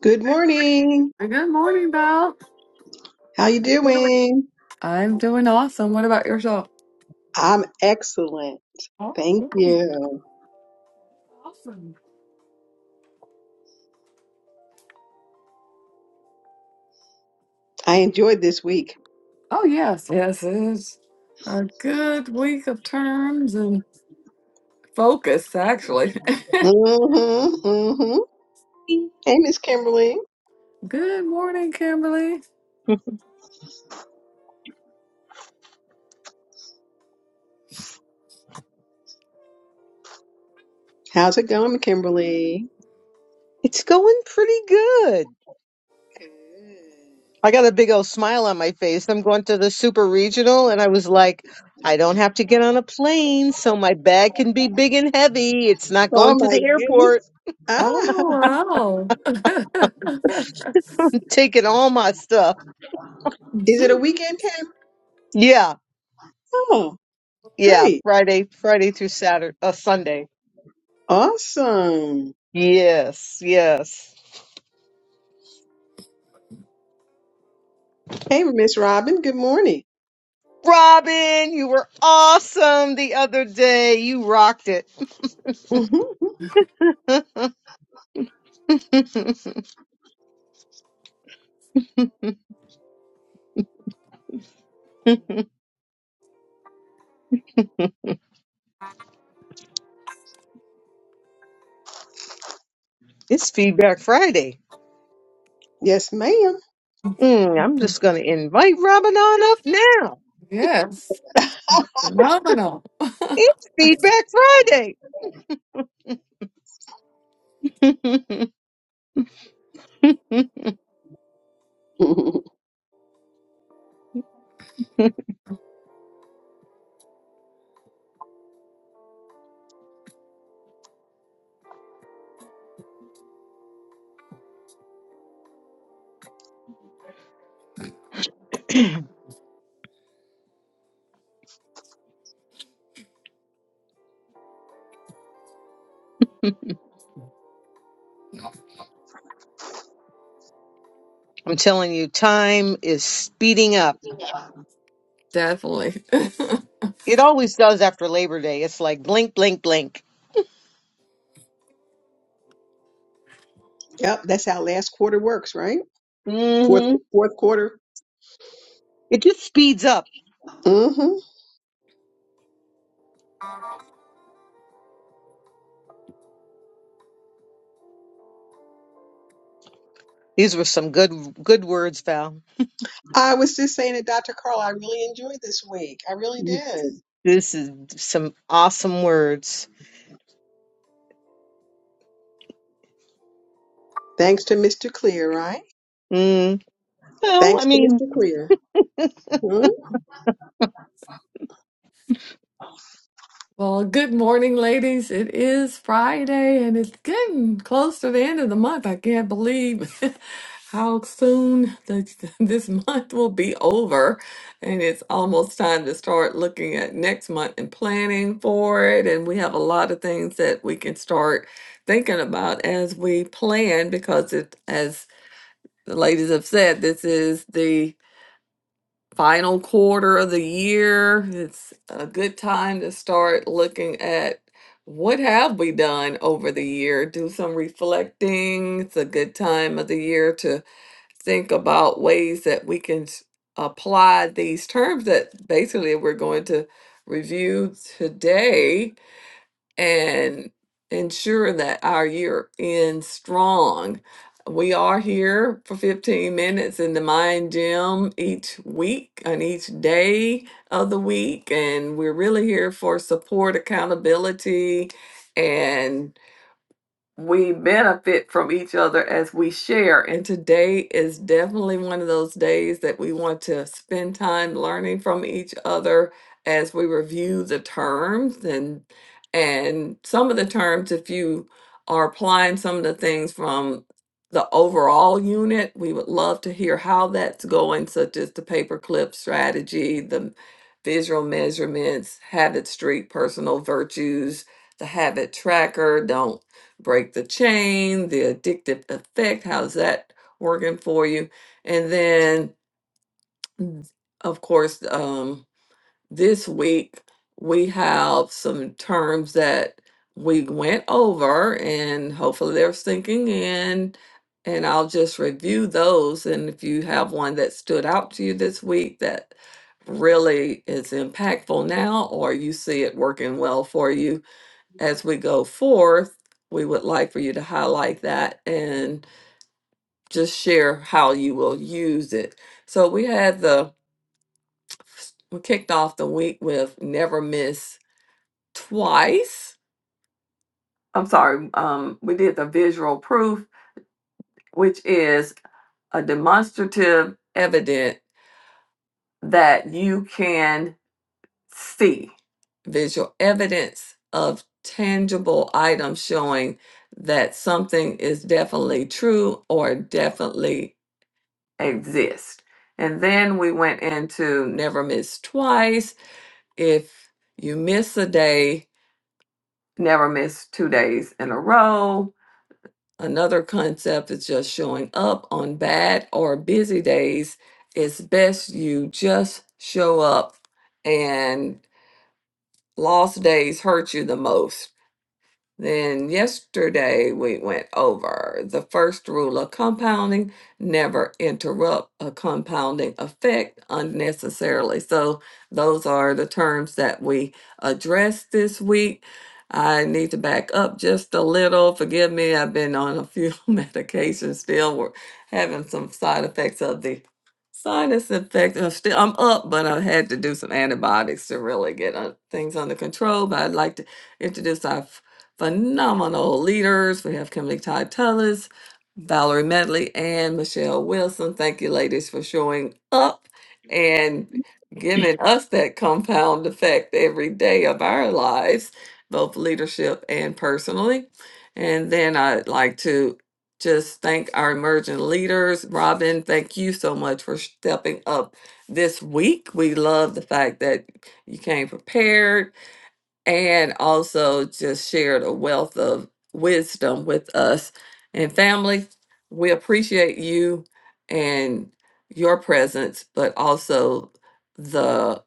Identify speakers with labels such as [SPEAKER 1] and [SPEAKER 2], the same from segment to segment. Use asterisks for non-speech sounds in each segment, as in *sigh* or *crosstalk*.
[SPEAKER 1] Good morning.
[SPEAKER 2] Good morning, Val.
[SPEAKER 1] How you doing?
[SPEAKER 2] I'm doing awesome. What about yourself?
[SPEAKER 1] I'm excellent.
[SPEAKER 2] Oh,
[SPEAKER 1] Thank
[SPEAKER 2] good.
[SPEAKER 1] you.
[SPEAKER 2] awesome.
[SPEAKER 1] I enjoyed this week.
[SPEAKER 2] Oh, yes, yes, it is a good week of terms and focus, actually.
[SPEAKER 1] Mm-hmm, hmm Hey, Miss Kimberly.
[SPEAKER 2] *laughs* Good morning, Kimberly.
[SPEAKER 1] How's it going, Kimberly?
[SPEAKER 3] It's going pretty good.
[SPEAKER 1] Good.
[SPEAKER 3] I got a big old smile on my face. I'm going to the super regional, and I was like, I don't have to get on a plane, so my bag can be big and heavy. It's not
[SPEAKER 1] Oh
[SPEAKER 3] going to
[SPEAKER 1] my
[SPEAKER 3] the airport.
[SPEAKER 1] goodness. Ah,
[SPEAKER 2] Oh, wow.
[SPEAKER 3] I'm taking all my stuff.
[SPEAKER 1] is it a weekend camp?
[SPEAKER 3] Yeah,
[SPEAKER 1] Oh,
[SPEAKER 3] yeah.
[SPEAKER 1] great.
[SPEAKER 3] Friday, Friday through Saturday, uh, Sunday.
[SPEAKER 1] Awesome.
[SPEAKER 3] Yes, yes.
[SPEAKER 1] Hey, Miss Robin. Good morning.
[SPEAKER 3] Robin, you were awesome the other day. You rocked it.
[SPEAKER 1] hmm
[SPEAKER 3] *laughs* it's Feedback Friday.
[SPEAKER 1] Yes, ma'am.
[SPEAKER 3] Mm, I'm just going to invite Robin on up now.
[SPEAKER 2] *laughs* yes, phenomenal.
[SPEAKER 3] It's Feedback Friday.
[SPEAKER 1] *laughs*
[SPEAKER 3] *laughs* I'm telling you, time is speeding up.
[SPEAKER 2] Definitely. *laughs*
[SPEAKER 3] It always does after Labor Day. It's like blink, blink, blink.
[SPEAKER 1] yep, that's how last quarter works, right? Fourth,
[SPEAKER 3] hmm
[SPEAKER 1] fourth quarter.
[SPEAKER 3] It just speeds up.
[SPEAKER 1] Mm-hmm.
[SPEAKER 3] These were some good, good words, Val.
[SPEAKER 1] I was just saying to Dr. Carl, I really enjoyed this week. I really did.
[SPEAKER 3] This is some awesome words.
[SPEAKER 1] Thanks to Mr. Clear, right?
[SPEAKER 3] Mm. Well, I
[SPEAKER 1] Thanks to
[SPEAKER 3] mean,
[SPEAKER 1] Mr. Clear. Hmm?
[SPEAKER 2] Well, good morning, ladies. It is Friday and it's getting close to the end of the month. I can't believe *laughs* how soon the, *laughs* this month will be over. And it's almost time to start looking at next month and planning for it. And we have a lot of things that we can start thinking about as we plan because it, as the ladies have said, this is the final quarter of the year. It's a good time to start looking at what have we done over the year. Do some reflecting. It's a good time of the year to think about ways that we can s- apply these terms that basically we're going to review today and ensure that our year ends strong. We are here for 15 minutes in the Mind Gym each week and each day of the week. And we're really here for support, accountability, and we benefit from each other as we share. And today is definitely one of those days that we want to spend time learning from each other as we review the terms and and some of the terms if you are applying some of the things from the overall unit, we would love to hear how that's going, such as the paperclip strategy, the visual measurements, habit streak, personal virtues, the habit tracker, don't break the chain, the addictive effect. How's that working for you? And then, mm, of course, um, this week we have some terms that we went over, and hopefully they're sinking in. And I'll just review those. And if you have one that stood out to you this week that really is impactful now, or you see it working well for you, as we go forth, we would like for you to highlight that and just share how you will use it. So we had the we kicked off the week with never miss twice. I'm sorry, um, we did the visual proof, which is a demonstrative evidence that you can C, visual evidence of tangible items showing that something is definitely true or definitely exists. And then we went into never miss twice. If you miss a day, never miss two days in a row. Another concept is just showing up on bad or busy days. It's best you just show up and. Lost days hurt you the most. Then yesterday we went over the first rule of compounding never interrupt a compounding effect unnecessarily. So, those are the terms that we addressed this week. I need to back up just a little. Forgive me, I've been on a few *laughs* medications still. We're having some side effects of the sinus infection. I'm still I'm up, but I had to do some antibiotics to really get uh, things under control. But I'd like to introduce our phenomenal leaders. We have Kimberly Todd Tullis, Valerie Medley, and Michelle Wilson. Thank you, ladies, for showing up and giving us that compound effect every day of our lives, both leadership and personally. And then I'd like to just thank our emerging leaders. Robin, thank you so much for stepping up this week. We love the fact that you came prepared and also just shared a wealth of wisdom with us. And family, we appreciate you and your presence, but also the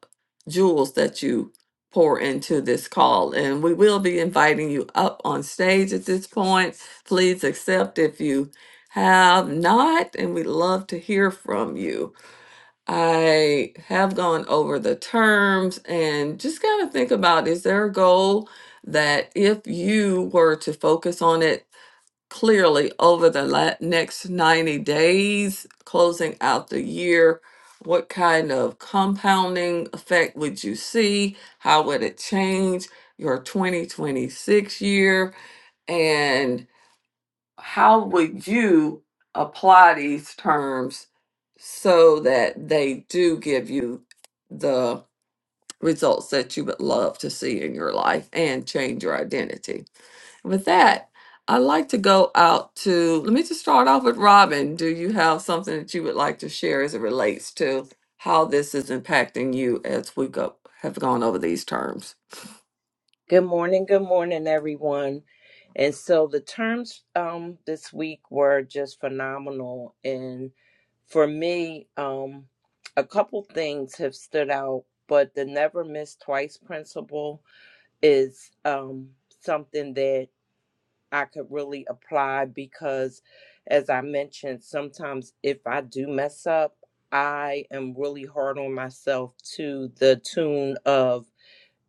[SPEAKER 2] jewels that you pour into this call. And we will be inviting you up on stage at this point. Please accept if you have not, and we'd love to hear from you. I have gone over the terms and just got to think about is there a goal that if you were to focus on it clearly over the la- next 90 days, closing out the year, what kind of compounding effect would you see? How would it change your 2026 year? And how would you apply these terms so that they do give you the results that you would love to see in your life and change your identity? With that, I'd like to go out to, let me just start off with Robin. Do you have something that you would like to share as it relates to how this is impacting you as we go, have gone over these terms?
[SPEAKER 4] Good morning, good morning, everyone. And so the terms um, this week were just phenomenal. And for me, um, a couple things have stood out, but the never miss twice principle is um, something that I could really apply because, as I mentioned, sometimes if I do mess up, I am really hard on myself to the tune of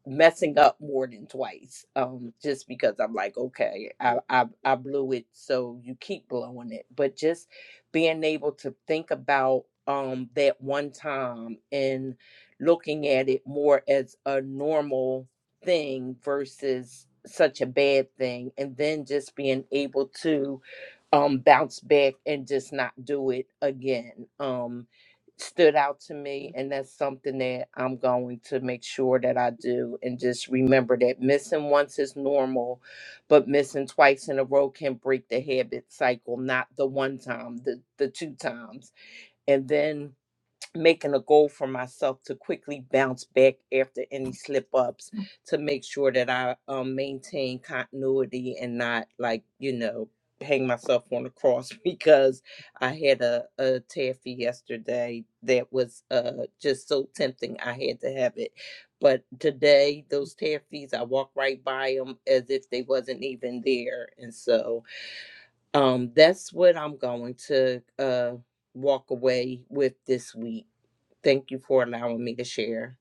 [SPEAKER 4] messing up more than twice um just because i'm like okay I, I i blew it so you keep blowing it but just being able to think about um that one time and looking at it more as a normal thing versus such a bad thing and then just being able to um bounce back and just not do it again um stood out to me and that's something that I'm going to make sure that I do and just remember that missing once is normal but missing twice in a row can break the habit cycle not the one time the the two times and then making a goal for myself to quickly bounce back after any slip ups to make sure that I um, maintain continuity and not like, you know, hang myself on the cross *laughs* because I had a, a taffy yesterday that was uh, just so tempting. I had to have it. But today, those taffies, I walked right by them as if they wasn't even there. And so um, that's what I'm going to uh, walk away with this week Thank you for allowing me to share.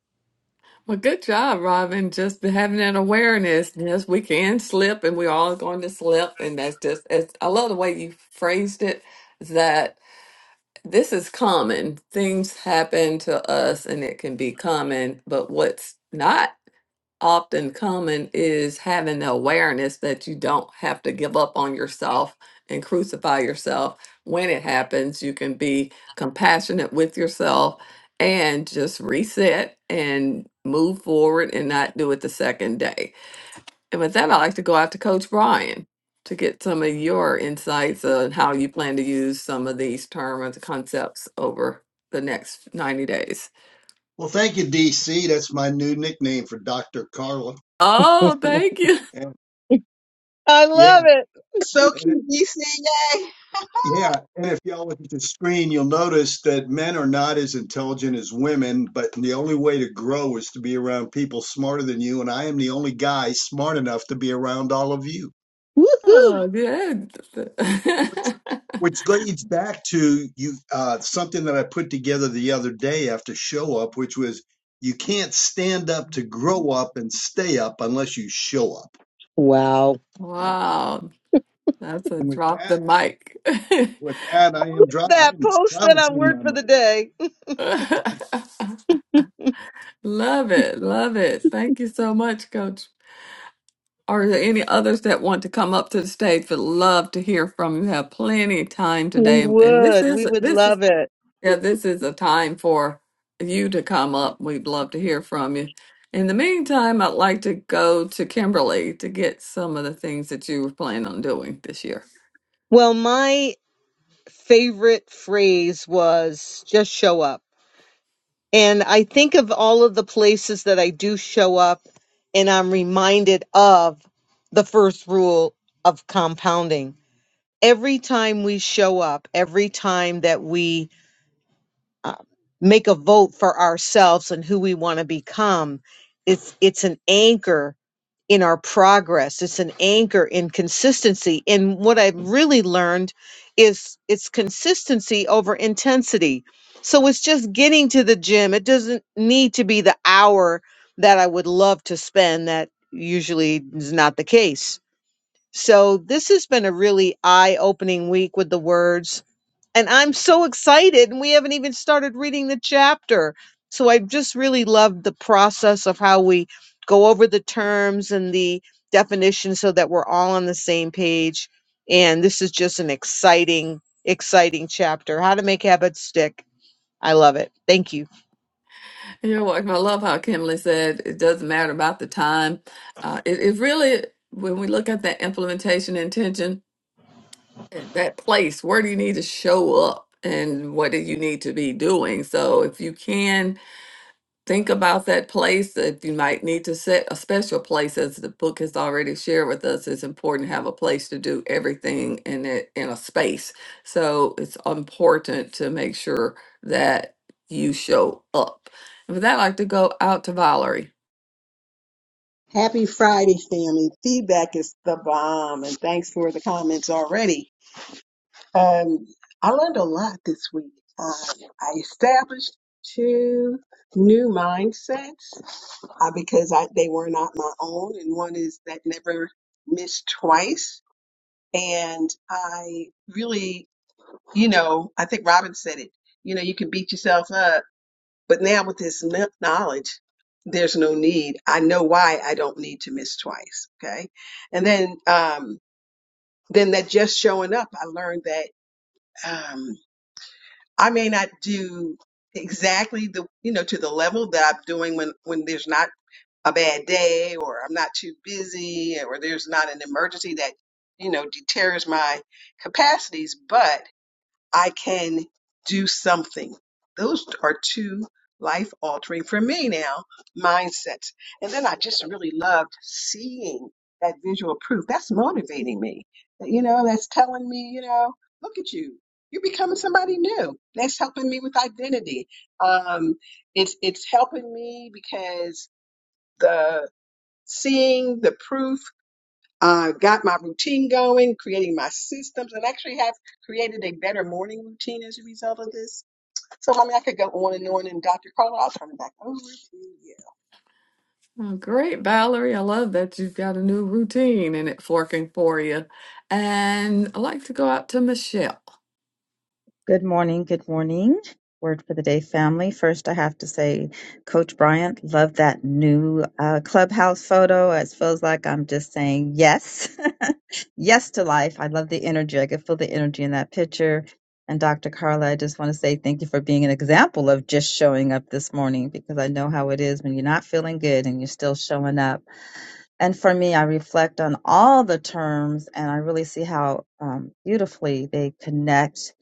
[SPEAKER 2] Well, good job, Robin. Just having that awareness. Yes, we can slip, and we're all going to slip. And that's just, it's, I love the way you phrased it that this is common. Things happen to us, and it can be common. But what's not often common is having the awareness that you don't have to give up on yourself and crucify yourself when it happens. You can be compassionate with yourself and just reset and move forward and not do it the second day. And with that, I'd like to go out to Coach Brian to get some of your insights on how you plan to use some of these terms and concepts over the next 90 days.
[SPEAKER 5] Well, thank you, DC. That's my new nickname for Dr. Carla.
[SPEAKER 3] *laughs* I
[SPEAKER 2] Oh, thank you.
[SPEAKER 5] And
[SPEAKER 3] love
[SPEAKER 5] yeah,
[SPEAKER 3] it.
[SPEAKER 1] So
[SPEAKER 5] and it,
[SPEAKER 1] cute, DCA.
[SPEAKER 5] yeah. And if y'all look at the screen, you'll notice that men are not as intelligent as women, but the only way to grow is to be around people smarter than you. And I am the only guy smart enough to be around all of you,
[SPEAKER 3] Woohoo!
[SPEAKER 2] Oh, good. *laughs*
[SPEAKER 5] which which leads back to you uh, something that I put together the other day after show up, which was you can't stand up to grow up and stay up unless you show up.
[SPEAKER 3] Wow.
[SPEAKER 2] Wow, that's a
[SPEAKER 5] And with
[SPEAKER 2] drop
[SPEAKER 5] that.
[SPEAKER 2] the mic.
[SPEAKER 5] With that, I am
[SPEAKER 3] Post
[SPEAKER 5] dry. I
[SPEAKER 3] that.
[SPEAKER 5] am
[SPEAKER 3] Post that on
[SPEAKER 5] silencing my
[SPEAKER 3] Word for
[SPEAKER 5] mic.
[SPEAKER 3] the Day.
[SPEAKER 2] *laughs* Love it, love it. Thank you so much, Coach. Are there any others that want to come up to the stage? Would love to hear from you. Have plenty of time
[SPEAKER 3] We
[SPEAKER 2] today, and and this
[SPEAKER 3] would. We
[SPEAKER 2] is
[SPEAKER 3] would
[SPEAKER 2] this is
[SPEAKER 3] love it.
[SPEAKER 2] yeah, this is a time for you to come up. We'd love to hear from you. In the meantime, I'd like to go to Kimberly to get some of the things that you were planning on doing this year.
[SPEAKER 3] Well, my favorite phrase was just show up. And I think of all of the places that I do show up, and I'm reminded of the first rule of compounding. Every time we show up, every time that we uh, make a vote for ourselves and who we want to become, it's it's an anchor in our progress. It's an anchor in consistency. And what I've really learned is it's consistency over intensity. So it's just getting to the gym. It doesn't need to be the hour that I would love to spend. That usually is not the case. So this has been a really eye opening week with the words and I'm so excited, and we haven't even started reading the chapter. So I just really loved the process of how we go over the terms and the definition so that we're all on the same page. And this is just an exciting, exciting chapter. How to make habits stick. I love it. Thank you.
[SPEAKER 2] You're welcome. I love how Kimberly said it doesn't matter about the time. Uh, it, it really, when we look at that implementation intention, eh, that place, where do you need to show up and what do you need to be doing? So if you can think about that place that you might need to set a special place as the book has already shared with us it's important to have a place to do everything in it in a space so it's important to make sure that you show up and with that i'd like to go out to valerie
[SPEAKER 1] Happy Friday, family. Feedback is the bomb, and thanks for the comments already. Um, I learned a lot this week. Uh, I established two new mindsets uh, because I, they were not my own, and one is that never miss twice and I really you know, I think Robin said it, you know, you can beat yourself up. But now with this kn- knowledge, there's no need. I know why I don't need to miss twice. Okay. And then, um, then that just showing up, I learned that, um, I may not do exactly the, you know, to the level that I'm doing when, when there's not a bad day or I'm not too busy or there's not an emergency that, you know, deters my capacities. but I can do something. Those are two life altering for me now mindsets. And then I just really loved seeing that visual proof. That's motivating me. You know, that's telling me, you know, look at you. You're becoming somebody new. That's helping me with identity. Um, it's it's helping me because the seeing the proof uh, got my routine going, creating my systems, and actually have created a better morning routine as a result of this. So, I mean, I could go on and on. And Dr. Carla, I'll turn it back over to you.
[SPEAKER 2] well, great valerie i love that you've got a new routine and it's working for you and i'd like to go out to michelle
[SPEAKER 6] Good morning. Good morning. Word for the day, family. First, I have to say, Coach Bryant, love that new uh, clubhouse photo. It feels like I'm just saying yes, *laughs* yes to life. I love the energy. I can feel the energy in that picture. And Dr. Carla, I just want to say thank you for being an example of just showing up this morning because I know how it is when you're not feeling good and you're still showing up. And for me, I reflect on all the terms and I really see how um, beautifully they connect.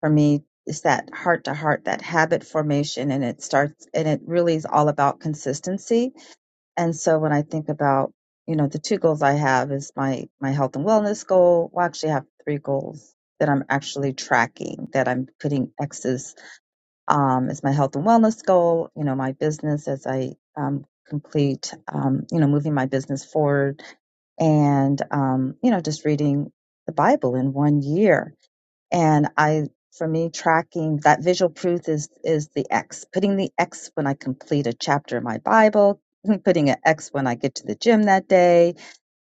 [SPEAKER 6] For me, it's that heart to heart, that habit formation, and it starts, and it really is all about consistency. And so when I think about, you know, the two goals I have is my, my health and wellness goal. Well, I actually have three goals that I'm actually tracking, that I'm putting X's, um, is my health and wellness goal, you know, my business as I, um, complete, um, you know, moving my business forward and um, you know just reading the bible in one year and i for me tracking that visual proof is is the x putting the x when i complete a chapter in my bible *laughs* putting an x when i get to the gym that day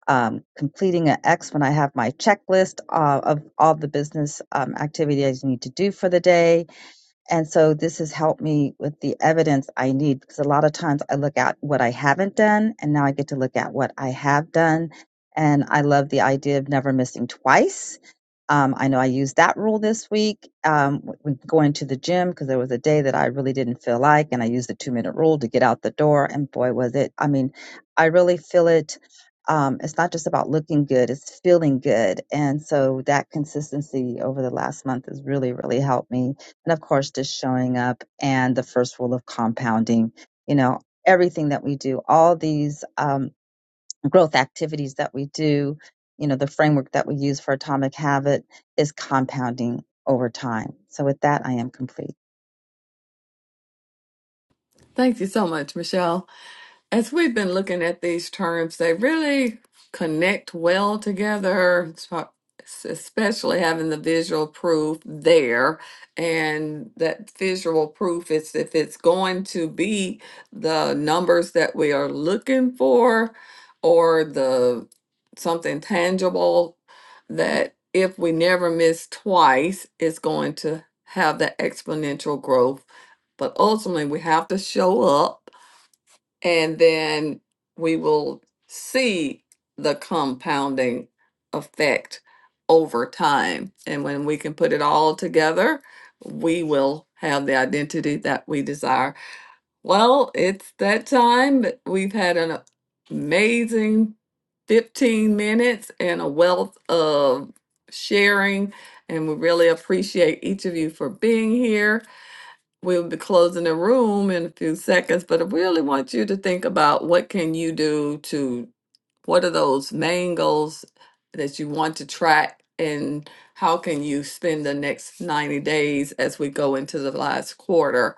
[SPEAKER 6] um, completing an x when i have my checklist uh, of all the business um, activities i need to do for the day and so this has helped me with the evidence I need because a lot of times I look at what I haven't done and now I get to look at what I have done. And I love the idea of never missing twice. Um, I know I used that rule this week um, w- when going to the gym because there was a day that I really didn't feel like, and I used the two minute rule to get out the door. And boy, was it! I mean, I really feel it. Um, it's not just about looking good; it's feeling good. And so that consistency over the last month has really, really helped me and of course just showing up and the first rule of compounding you know everything that we do all these um, growth activities that we do you know the framework that we use for atomic habit is compounding over time so with that i am complete
[SPEAKER 2] thank you so much michelle As we've been looking at these terms, they really connect well together, so- especially having the visual proof there. And that visual proof is if it's going to be the numbers that we are looking for or the something tangible that if we never miss twice, it's going to have the exponential growth. But ultimately, we have to show up and then we will see the compounding effect over time. And when we can put it all together, we will have the identity that we desire. Well, it's that time. We've had an amazing 15 minutes and a wealth of sharing, and we really appreciate each of you for being here we'll be closing the room in a few seconds, but I really want you to think about what can you do to what are those main goals that you want to track and how can you spend the next 90 days as we go into the last quarter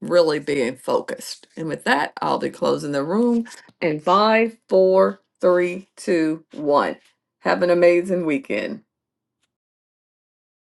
[SPEAKER 2] really being focused. And with that, I'll be closing the room in five, four, three, two, one. Have an amazing weekend.